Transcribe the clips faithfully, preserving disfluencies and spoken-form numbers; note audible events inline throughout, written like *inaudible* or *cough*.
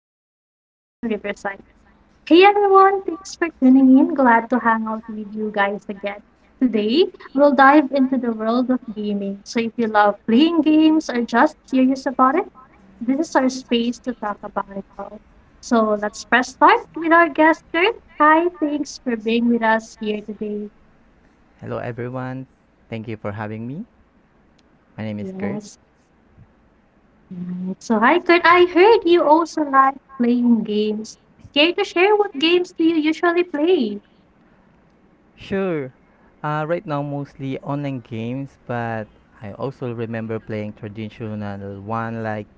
hosted using Riverside. Hey everyone, thanks for tuning in. Glad to hang out with you guys again. Today, we'll dive into the world of gaming. So if you love playing games or just curious about it, this is our space to talk about it all. So let's press start with our guest, Kurt. Hi, thanks for being with us here today. Hello, everyone. Thank you for having me. My name is Kurt. Yes. Right. So hi, Kurt. I heard you also like playing games. Care to share what games do you usually play? Sure, uh, right now mostly online games, but I also remember playing traditional one like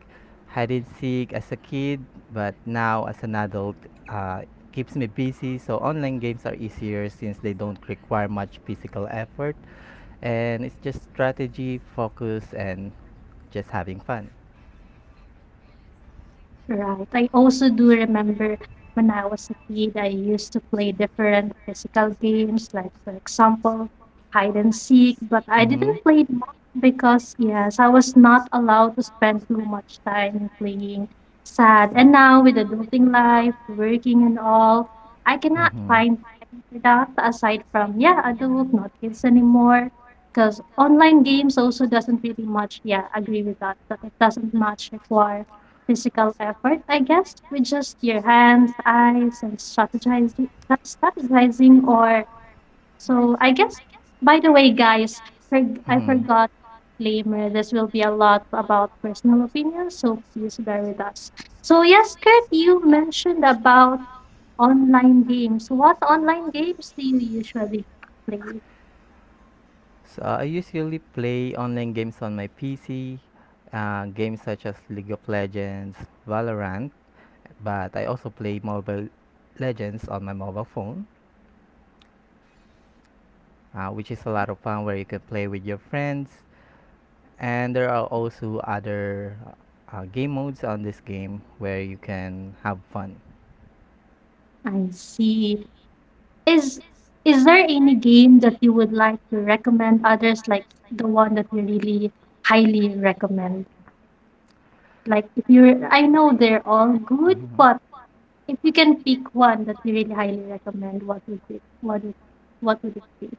hide and seek as a kid, but now as an adult, uh, keeps me busy. So online games are easier since they don't require much physical effort, and it's just strategy, focus, and just having fun. Right. I also do remember when I was a kid, I used to play different physical games, like, for example, hide and seek, but I Mhm. didn't play it much because, yes, I was not allowed to spend too much time playing. Sad. And now with adulting life, working and all, I cannot Mhm. find time for that aside from, yeah, adult, not kids anymore. Because online games also doesn't really much, yeah, agree with that, that it doesn't much require physical effort, I guess, with just your hands, eyes, and strategizing, strategizing, or so I guess. By the way, guys, forg- I Mhm. forgot disclaimer. This will be a lot about personal opinions, so please bear with us. So yes, Kurt, you mentioned about online games. What online games do you usually play? So I usually play online games on my P C, uh, games such as League of Legends, Valorant, but I also play Mobile Legends on my mobile phone. Uh, which is a lot of fun where you can play with your friends. And there are also other uh, game modes on this game where you can have fun. I see. Is is there any game that you would like to recommend others, like the one that you really highly recommend? Like if you're, I know they're all good, Mhm. but if you can pick one that you really highly recommend, what would it, what would, what would it be?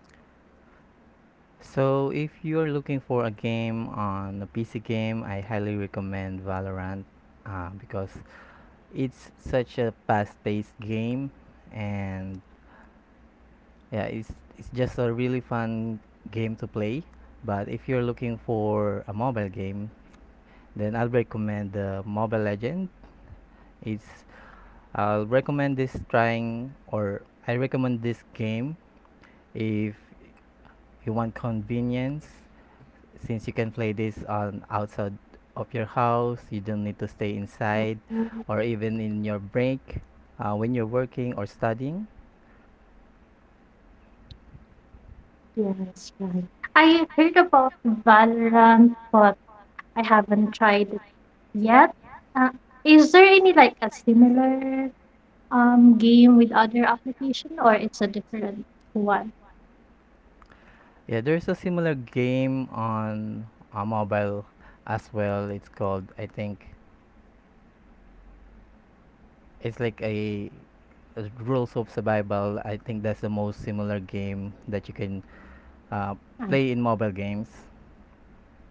So if you're looking for a game on a P C game, I highly recommend Valorant uh, because it's such a fast-paced game, and yeah, it's it's just a really fun game to play. But if you're looking for a mobile game, then I'll recommend the Mobile Legend. It's I'll recommend this trying or I recommend this game if you want convenience, since you can play this on outside of your house, you don't need to stay inside Mm. or even in your break, uh, when you're working or studying. Yes, right. I heard about Valorant, but I haven't tried it yet. Uh, is there any like a similar um game with other application, or it's a different one? Yeah, there's a similar game on a mobile as well. It's called, I think, it's like a, a rules of survival. I think that's the most similar game that you can uh, play in mobile games.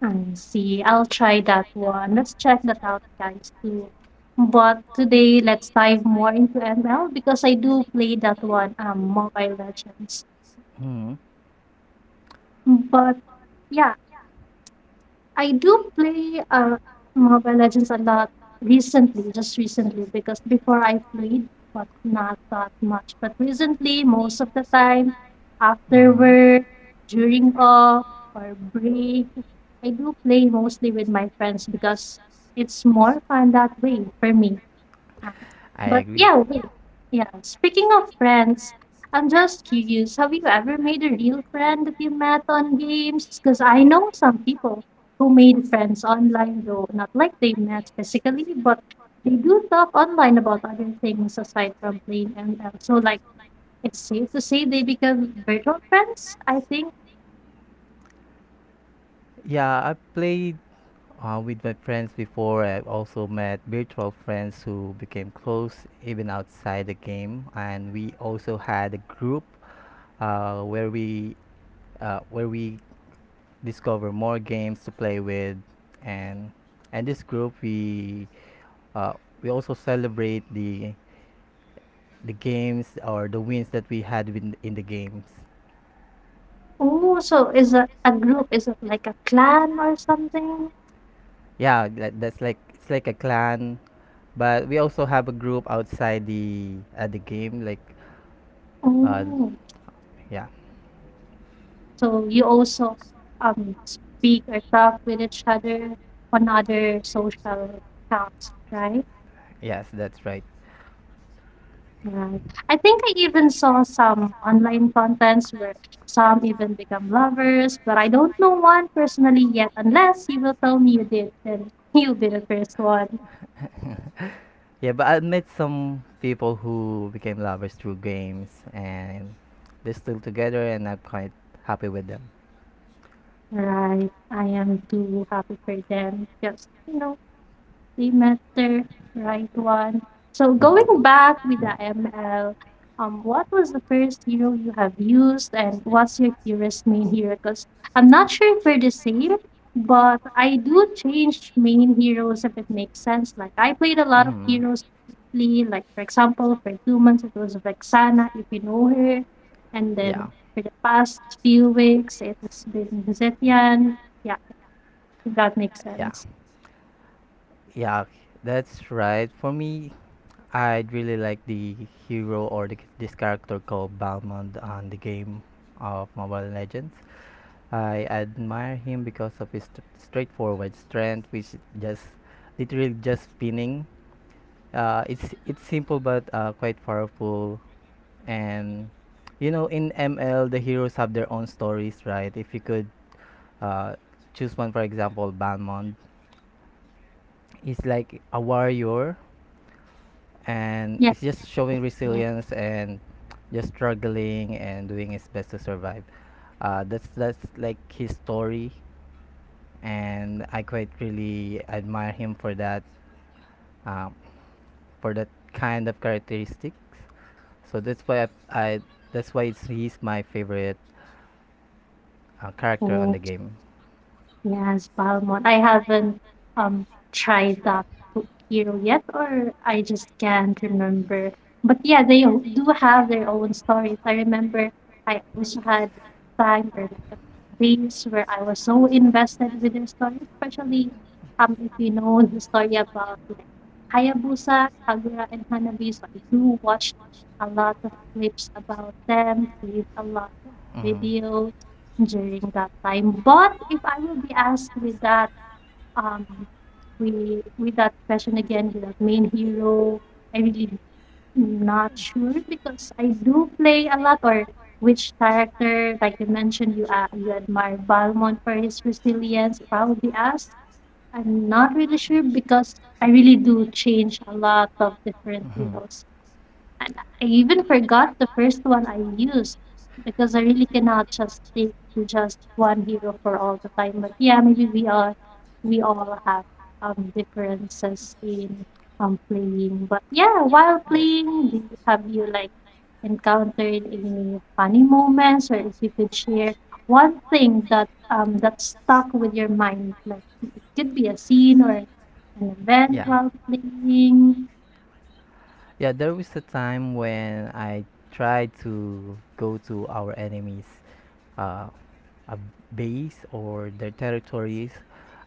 I see. I'll try that one. Let's check that out, guys, too. But today, let's dive more into M L because I do play that one, um, Mobile Legends. Hmm. But yeah, I do play, uh, Mobile Legends a lot recently, just recently, because before I played, but not that much. But recently, most of the time, after Hmm. work, during off, or break, I do play mostly with my friends because it's more fun that way for me. I But agree. yeah, wait. Yeah, speaking of friends, I'm just curious. Have you ever made a real friend that you met on games? Because I know some people who made friends online, though not like they met physically, but they do talk online about other things aside from playing M L. So, like, it's safe to say they become virtual friends, I think. Yeah, I played uh, with my friends before. I also met virtual friends who became close even outside the game, and we also had a group uh, where we uh, where we discover more games to play with, and and this group we uh, we also celebrate the the games or the wins that we had in in the games. Oh, so is a, a group, is it like a clan or something? Yeah, that, that's like, it's like a clan, but we also have a group outside the uh, the game. Like, uh, Oh. yeah. So you also um, speak or talk with each other on other social accounts, right? Yes, that's right. Right. I think I even saw some online contents where some even become lovers, but I don't know one personally yet. Unless you will tell me you did, then *laughs* you'll be the first one. *laughs* Yeah, but I met some people who became lovers through games, and they're still together and I'm quite happy with them. Right. I am too happy for them. Just you know, semester, right one. So going back with the M L, um, what was the first hero you have used, and what's your curious main hero? Because I'm not sure if we're the same, but I do change main heroes if it makes sense. Like I played a lot of Mhm. heroes lately. Like for example, for two months it was Vexana, if you know her, and then Yeah. for the past few weeks it has been Zetian. Yeah, if that makes Yeah. sense. Yeah. That's right. For me, I'd really like the hero, or the, this character called Balmond on the game of Mobile Legends. I admire him because of his st- straightforward strength, which is just literally just spinning. Uh, it's it's simple but uh, quite powerful, and you know in M L the heroes have their own stories, right? If you could uh, choose one, for example, Balmond is like a warrior, and Yeah. it's just showing resilience and just struggling and doing his best to survive. Uh, that's that's like his story, and I quite really admire him for that. Um, for that kind of characteristics. So that's why I, I that's why it's, he's my favorite uh, character on the game. Yes, Palmon. I haven't um tried that po- hero yet, or I just can't remember. But yeah, they o- do have their own stories. I remember I also had a time or like a phase where I was so invested with their story, especially um if you know the story about like Hayabusa, Kagura, and Hanabi. So I do watch a lot of clips about them, see a lot of Hmm. videos during that time, but if I will be asked with that, um, with with that question again, with that main hero, I really not sure because I do play a lot or which character, like you mentioned, you a you admire Valmont for his resilience. If I will be asked, I'm not really sure because I really do change a lot of different Hmm. heroes. And I even forgot the first one I used because I really cannot just stick to just one hero for all the time. But yeah, maybe we are we all have um differences in um playing. But yeah, while playing, do you, have you like encountered any funny moments or if you could share one thing that um that stuck with your mind? Like it could be a scene or an event while playing Yeah, there was a time when I tried to go to our enemies' uh, a base or their territories.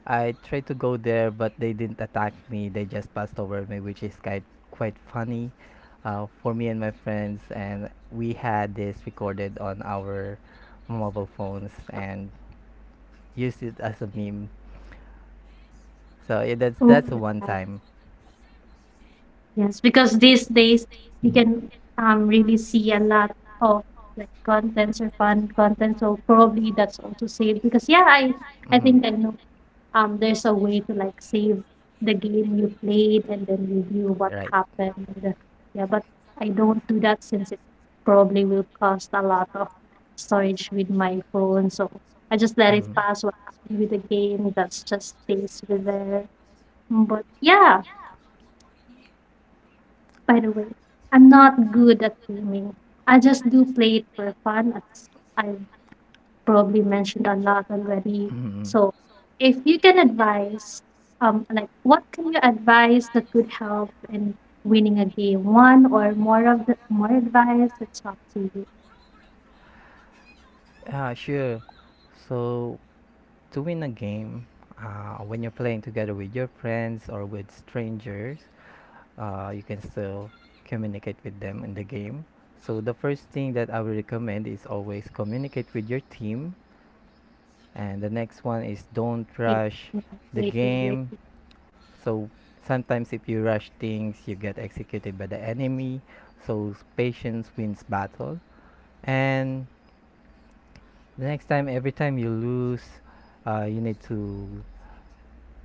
I tried to go there, but they didn't attack me. They just passed over me, which is quite quite funny uh, for me and my friends. And we had this recorded on our mobile phones and used it as a meme. So yeah, that's or. that's a one time. Yes, because these days you can um really see a lot of like contents or fun content. So probably that's also saved because yeah, I I Mhm. think I know um there's a way to like save the game you played and then review what Right. happened. And, uh, yeah, but I don't do that since it probably will cost a lot of storage with my phone. So I just let it pass what happened with the game. That's just stays with there. But yeah. By the way, I'm not good at gaming. I just do play it for fun, as I've probably mentioned a lot already. Mhm. Mhm. So, if you can advise, um, like what can you advise that could help in winning a game? One or more of the more advice? It's up to you. Ah, sure. So, to win a game uh, when you're playing together with your friends or with strangers, uh, you can still communicate with them in the game. So the first thing that I would recommend is always communicate with your team, and the next one is, don't Okay, rush the okay, game. So sometimes if you rush things, you get executed by the enemy. So patience wins battle. And the next time, every time you lose, uh, you need to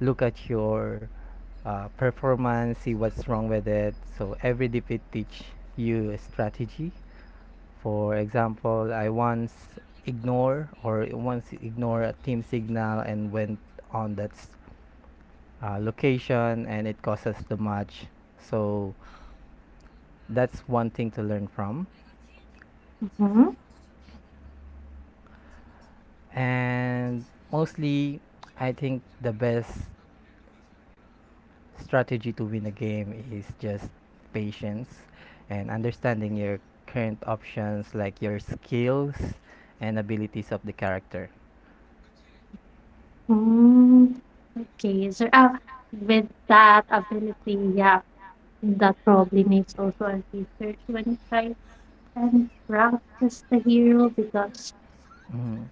look at your uh, performance, see what's wrong with it. So every defeat teach you a strategy. For example, I once ignore or once ignore a team signal and went on that s- uh, location, and it cost us the match. So that's one thing to learn from. mm-hmm. And mostly, I think the best strategy to win a game is just patience and understanding your current options, like your skills and abilities of the character. Mm. Okay, so uh, with that ability, yeah, that probably needs also a research when you try and practice the hero because Mhm.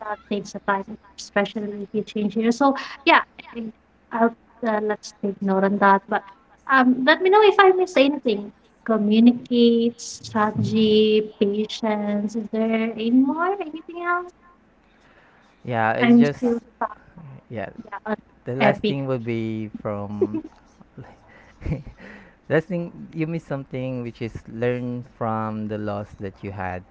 that takes a time, especially if you change hero. So yeah, I- I'll, uh, let's take note on that. But um, let me know if I miss anything. Communicate, strategy, patience. Is there any more? Anything else? Yeah, it's I'm still just stuck. yeah. Yeah, on The last epic. thing would be from *laughs* last thing, you miss something, which is learn from the loss that you had.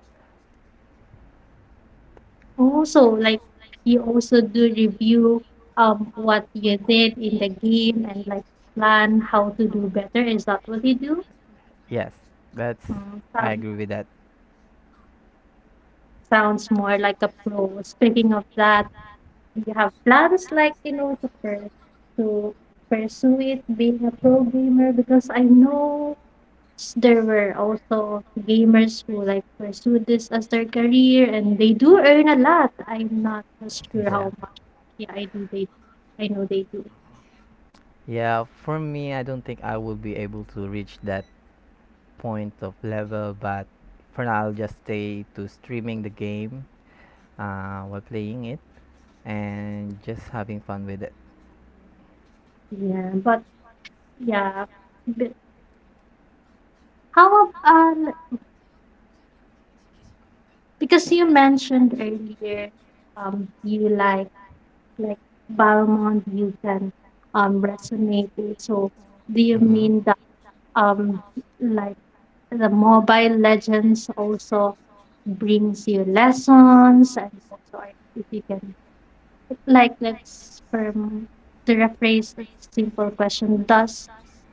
Also, like you also do review um what you did in the game and like plan how to do better. Is that what you do? Yes, that's Mm, I sounds agree with that. Sounds more like a pro. Speaking of that, do you have plans like, you know, to per- to pursue it being a pro gamer? Because I know s- there were also gamers who like pursue this as their career and they do earn a lot. I'm not just sure how Yeah. much. Yeah, I do they I know they do. Yeah, for me, I don't think I will be able to reach that point of level, but for now, I'll just stay to streaming the game uh, while playing it and just having fun with it. Yeah, but yeah. But how about um because you mentioned earlier um you like like Paramount you can um, resonate with. So do you Hmm. mean that um like the Mobile Legends also brings you lessons and also if you can like let's from to rephrase a simple question, does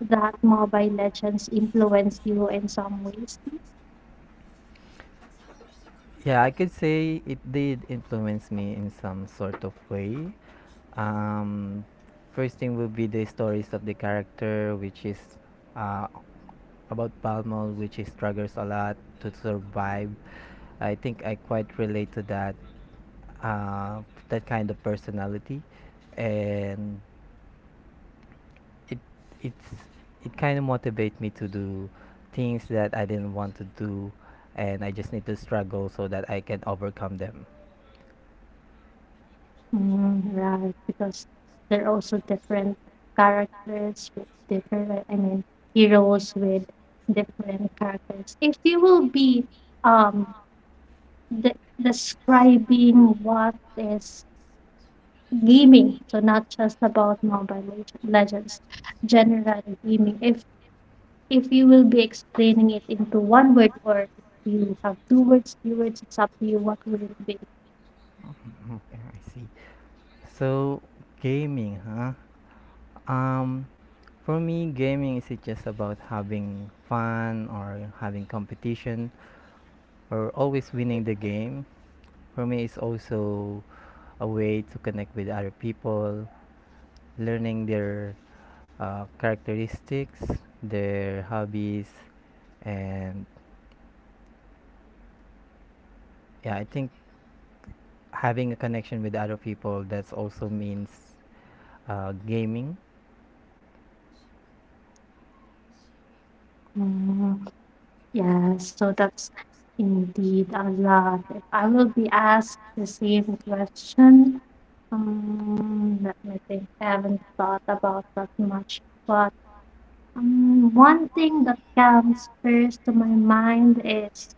that Mobile Legends influence you in some ways? Yeah, I could say it did influence me in some sort of way. Um, First thing would be the stories of the character, which is uh, about Palmol, which he struggles a lot to survive. I think I quite relate to that, uh, that kind of personality, and it it's it kind of motivates me to do things that I didn't want to do, and I just need to struggle so that I can overcome them. *laughs* Mm, right, because they're also different characters with different, like, I mean, heroes with different characters. If you will be um de describing what is gaming, so not just about Mobile Leg- Legends, general gaming. If if you will be explaining it into one word or if you have two words, three words, it's up to you what will it be. Mhm. Okay, I see. So gaming, huh? Um, for me, gaming is it just about having fun or having competition or always winning the game? For me, it's also a way to connect with other people, learning their uh, characteristics, their hobbies, and yeah, I think having a connection with other people that's also means uh, gaming. Yeah, so that's indeed a lot. If I will be asked the same question, um, let me think. I haven't thought about that much, but um, one thing that comes first to my mind is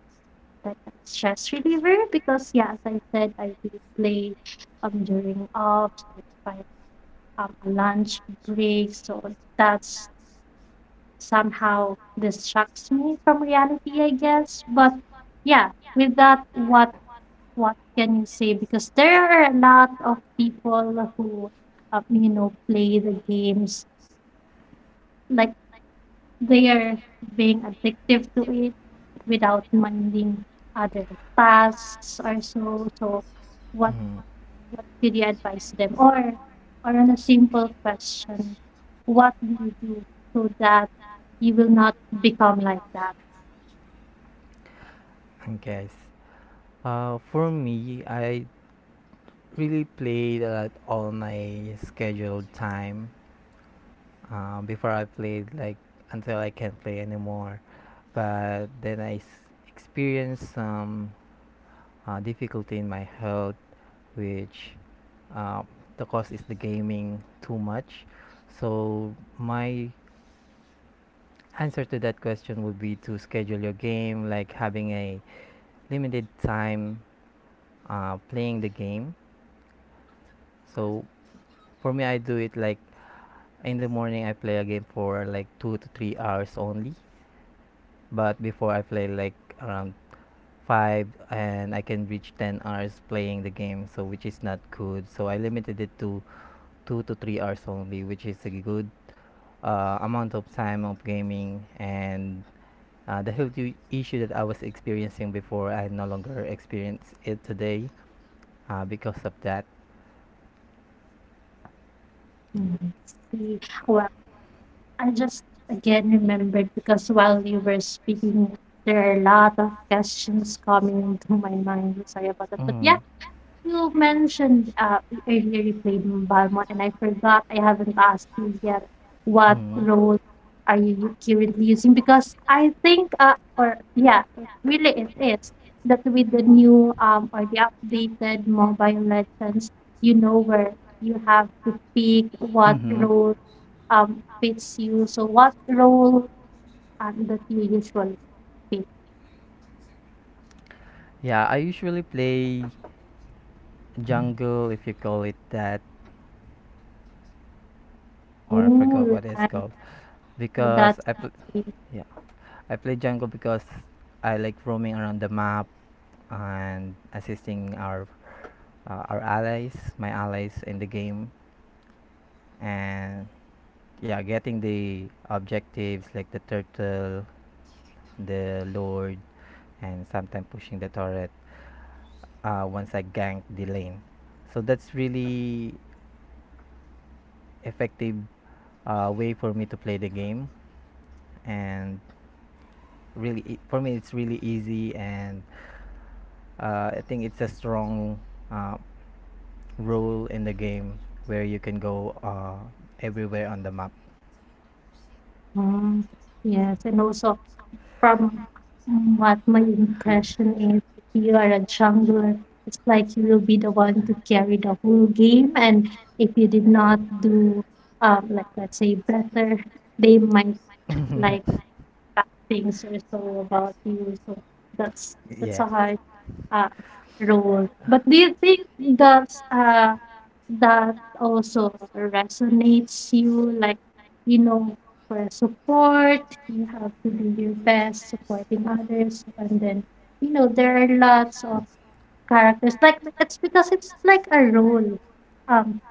like a stress reliever because, yeah, as I said, I do play um during offs, like if I have a lunch break, so that's somehow distracts me from reality, I guess. But yeah, with that, what what can you say? Because there are a lot of people who, um, you know, play the games like they are being addictive to it without minding other tasks or so. So, what Mm. what could you advise them? Or or on a simple question, what do you do so that you will not become like that? I guess. Uh, for me, I really played a lot all my scheduled time. Um, before I played like until I can't play anymore, but then I s- experienced some uh, difficulty in my health, which uh, the cause is the gaming too much. So my answer to that question would be to schedule your game, like having a limited time uh, playing the game. So for me, I do it like in the morning. I play a game for like two to three hours only. But before, I play like around five and I can reach ten hours playing the game, so which is not good. So I limited it to two to three hours only, which is a good uh, amount of time of gaming, and uh, the health i- issue that I was experiencing before, I no longer experience it today uh, because of that. Mm, I see. Well, I just again remembered because while you were speaking, there are a lot of questions coming into my mind. Sorry about that. But yeah, Mm. you mentioned uh, earlier you played in Balmont, and I forgot I haven't asked you yet what Mm-hmm. role are you currently using because I think, uh, or yeah, it really it is that with the new um, or the updated Mobile Legends, you know where you have to pick what Mm-hmm. role um, fits you. So what role um, that you usually fit? Yeah, I usually play jungle, if you call it that, or I forgot Ooh, what it's right. called, So because that's I pl- it. yeah, I play Django because I like roaming around the map and assisting our uh, our allies, my allies in the game, and yeah, getting the objectives like the turtle, the lord, and sometimes pushing the turret uh, once I gank the lane. So that's really effective uh, way for me to play the game, and really e- for me it's really easy. And uh, I think it's a strong uh, rule in the game where you can go uh, everywhere on the map. Mm, yes, and also from what my impression is, if you are a jungler, it's like you will be the one to carry the whole game, and if you did not do um, like let's say better, they might like *laughs* bad things or so about you. So that's that's Yeah. how. Uh, role. But do you think that's, uh, that also resonates you? Like, you know, for support, you have to do your best supporting others, and then, you know, there are lots of characters. Like, it's because it's like a role. Um,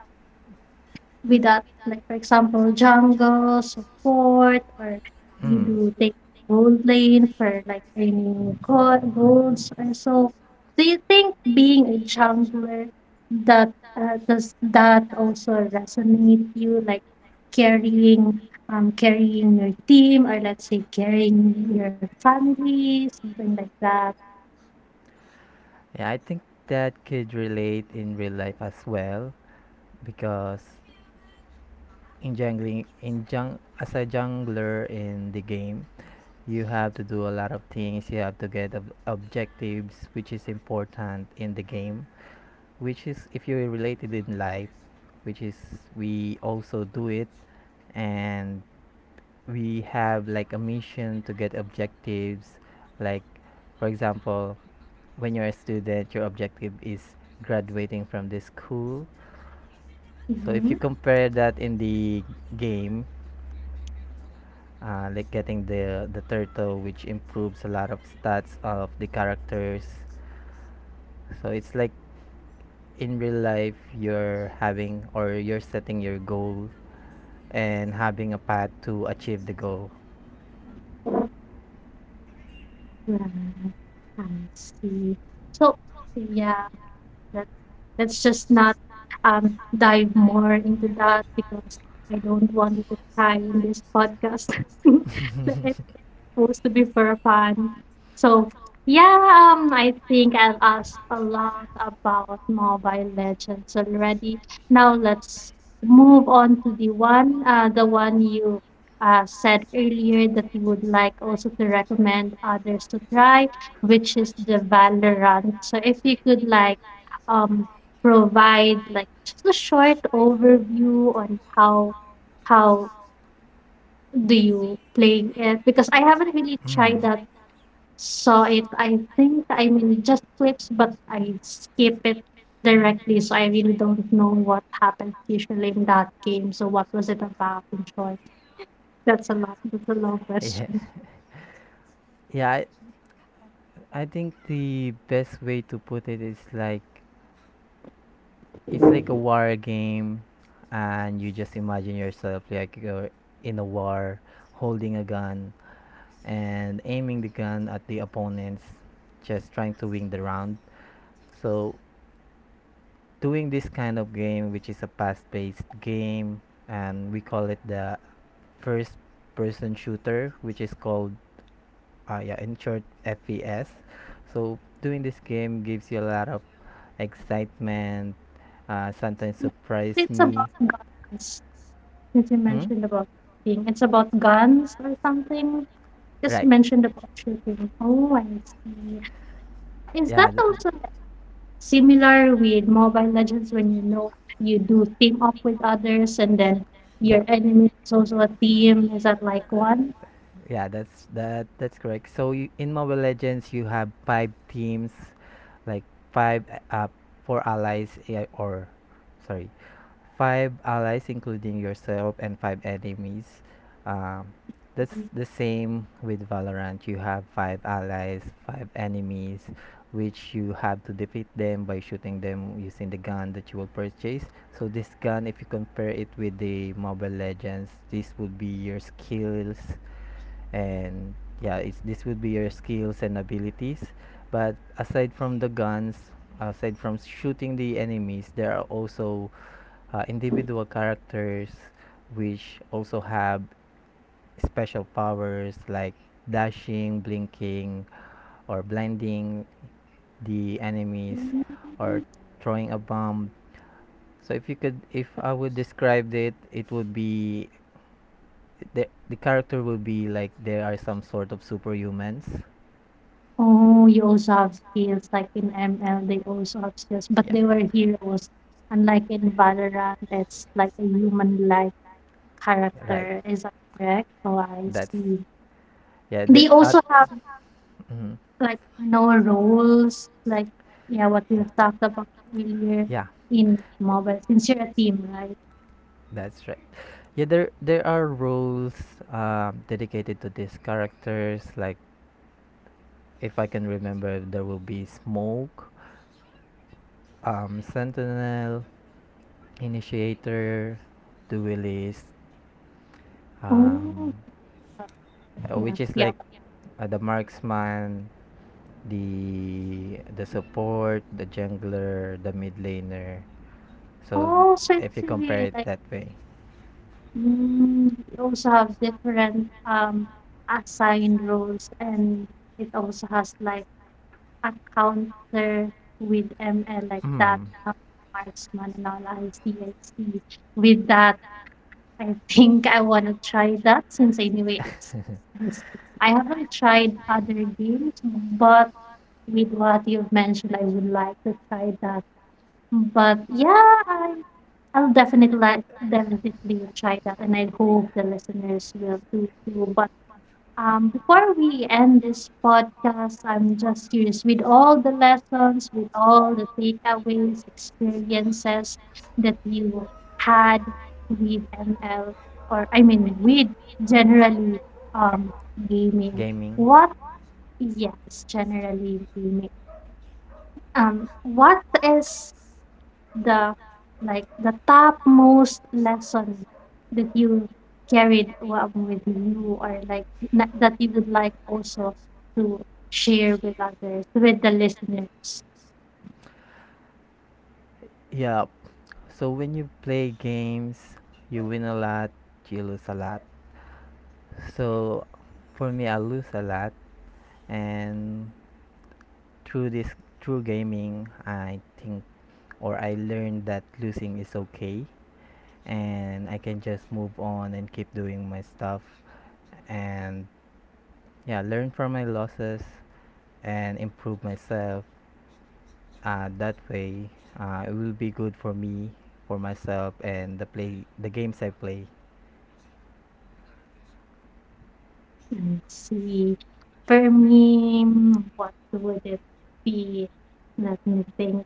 With that, like for example, jungle, support, or you Mm. do take gold lane for like earning go- golds or so. Do you think being a jungler that uh, does that also resonate you, like carrying um carrying your team, or let's say carrying your family, something like that? Yeah, I think that could relate in real life as well, because in jungling in jung as a jungler in the game, you have to do a lot of things. You have to get ob- objectives, which is important in the game. Which is if you're related in life, which is we also do it, and we have like a mission to get objectives. Like, for example, when you're a student, your objective is graduating from this school. So if you Mm-hmm. compare that in the game, uh, like getting the the turtle, which improves a lot of stats of the characters. So it's like in real life you're having or you're setting your goal and having a path to achieve the goal. Right. I see. So yeah. Let's let's just not um dive more into that because I don't want it to tie in this podcast. *laughs* Let- supposed to be for fun. So yeah, um, I think I've asked a lot about Mobile Legends already. Now let's move on to the one, uh, the one you uh, said earlier that you would like also to recommend others to try, which is the Valorant. So if you could like um provide like just a short overview on how how do you play it, because I haven't really tried Hmm. *laughs* that, saw it, I think, I mean, just clips, but I skip it directly, so I really don't know what happens usually in that game. So what was it about in short? That's a lot. That's a long Yeah. question. Yeah, I, I think the best way to put it is like it's like a war game, and you just imagine yourself like you're in a war, holding a gun and aiming the gun at the opponents, just trying to win the round. So doing this kind of game, which is a fast-paced game, and we call it the first-person shooter, which is called uh, yeah, in short, F P S. So doing this game gives you a lot of excitement. Uh, sometimes surprise It's me. about guns. Since you Hmm. mentioned about shooting, it's about guns or something. Just Right. mentioned about shooting. Oh, I see. Is that Yeah. th- th- also similar with Mobile Legends, when you know you do team up with others and then Yeah. your enemy is also a team. Is that like one? Yeah, that's that that's correct. So you, in Mobile Legends, you have five teams, like five uh, four allies, yeah, or sorry, five allies, including yourself, and five enemies. Um, that's the same with Valorant. You have five allies, five enemies, which you have to defeat them by shooting them using the gun that you will purchase. So this gun, if you compare it with the Mobile Legends, this would be your skills, and yeah, it's this would be your skills and abilities. But aside from the guns, aside from shooting the enemies, there are also uh, individual characters which also have special powers like dashing, blinking, or blinding the enemies, or throwing a bomb. So if you could, if I would describe it, it would be the the character will be like they are some sort of superhumans. Oh, you also have skills, like in M L, they also have skills, but Yeah. they were heroes. Unlike in Valorant, it's like a human-like Right. character. Is that correct? Oh, I That's see. yeah. The They at also have Mhm. like no roles, like yeah, what we've talked about earlier Yeah, in yeah. mobile, since you're a team, right? That's right. Yeah, there there are roles um, dedicated to these characters. Like, if I can remember, there will be Smoke. um, Sentinel, Initiator, Duelist, um, Oh, uh, yeah, which is yeah. like uh, the marksman, the the support, the jungler, the mid laner. But So also, it's if you really compare it like that way. mm, you also have different um assigned roles, and it also has like a counter with M L like that, Hmm. uh, marksman and all. I see, I see. With that, I *laughs* think I wanna try that, since anyway it's *laughs* it's- I haven't tried other games, but with what you've mentioned, I would like to try that. But yeah, I I'll definitely let definitely try that, and I hope the listeners will too. Too. But um, before we end this podcast, I'm just curious with all the lessons, with all the takeaways, experiences that you had with M L, or I mean, with generally um gaming. Gaming. What yes, generally gaming. Um, what is the like the topmost lesson that you carried wa- with you, or like na- that you would like also to share with others, with the listeners. Yeah. So when you play games, you win a lot, you lose a lot. So for me, I lose a lot, and through this through gaming, I think or I learned that losing is okay, and I can just move on and keep doing my stuff, and yeah, learn from my losses and improve myself uh, that way. Uh, it will be good for me, for myself, and the play the games I play. And see, for me mm, what would it be, let me think,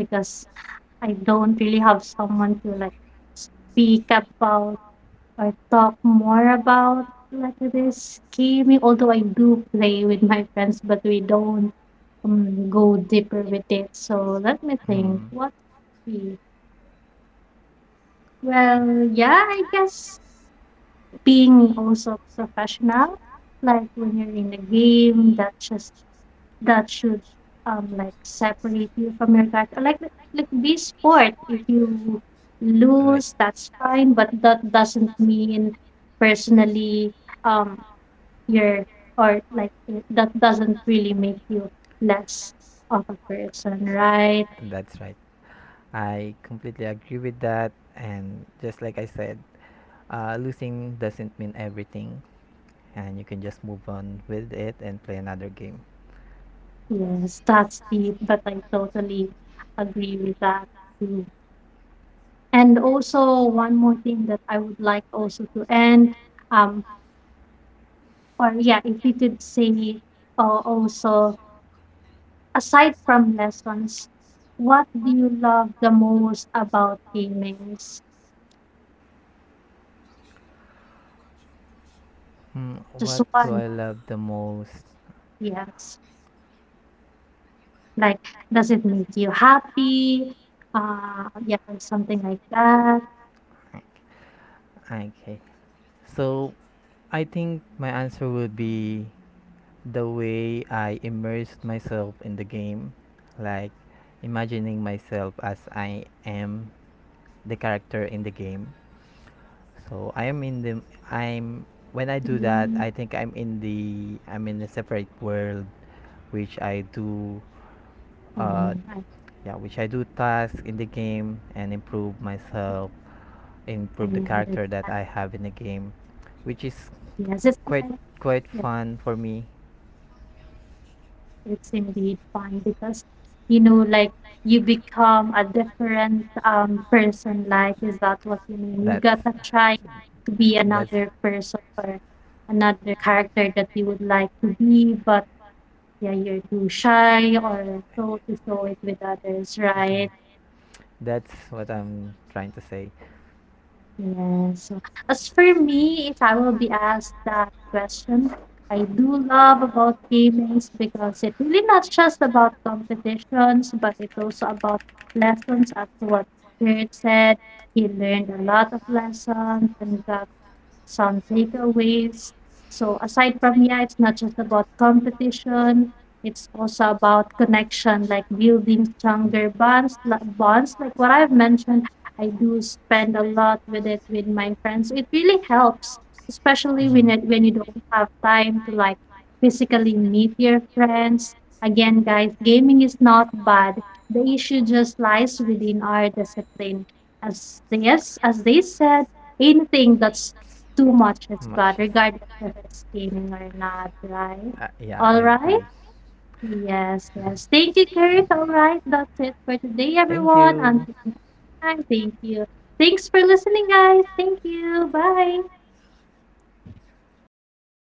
because I don't really have someone to like speak about or talk more about like this gaming, although I do play with my friends, but we don't um, go deeper with it. So let me think. Mhm. What we Well, yeah, I guess being also professional, like when you're in a game, that just that should um like separate you from your character. Like like be sport. If you Right. lose, that's fine, but that doesn't mean personally um your or like it- that doesn't really make you less of a person, right? That's right. I completely agree with that, and just like I said, uh, losing doesn't mean everything, and you can just move on with it and play another game. Yes, that's deep, but I totally agree with that too. And also one more thing that I would like also to end, um, or yeah, if you could say uh, also aside from lessons, what do you love the most about gaming? Hmm, Just what do one, I love the most? yes. Like, does it make you happy? Uh, yeah, something like that. Okay. So, I think my answer would be the way I immersed myself in the game, like imagining myself as I am the character in the game. So I am in the I'm when I do that, Mm. I think I'm in the I'm in a separate world, which I do uh, Oh, I, yeah, which I do tasks in the game and improve myself, I improve the character that understand. I have in the game, which is Yes, it's quite like, quite yes, fun for me. it's indeed fun because, you know, like you become a different um person. Like, is that what you mean? You That's gotta try to be that's another person, or another character that you would like to be, but yeah, you're too shy or so to show it with others, right? that's what I'm trying to say. Yes, so as for me, if I will be asked that question, I do love about gamings because it really not just about competitions, but it's also about lessons as what Kurt said. He learned a lot of lessons and got some takeaways. So aside from yeah, it's not just about competition. It's also about connection, like building stronger bonds. li- Bonds, like what I've mentioned, I do spend a lot with it with my friends. It really helps, especially Mm-hmm. when it, when you don't have time to like physically meet your friends. Again, guys, gaming is not bad. The issue just lies within our discipline. As yes, as as they said, anything that's too much is Much bad, is. regardless if it's gaming or not, right? Uh, yeah, All I right. agree. Yes, yes. Thank you, Kurt. All right. That's it for today, Thank everyone. you. Until next time, thank you. Thanks for listening, guys. Thank you. Bye.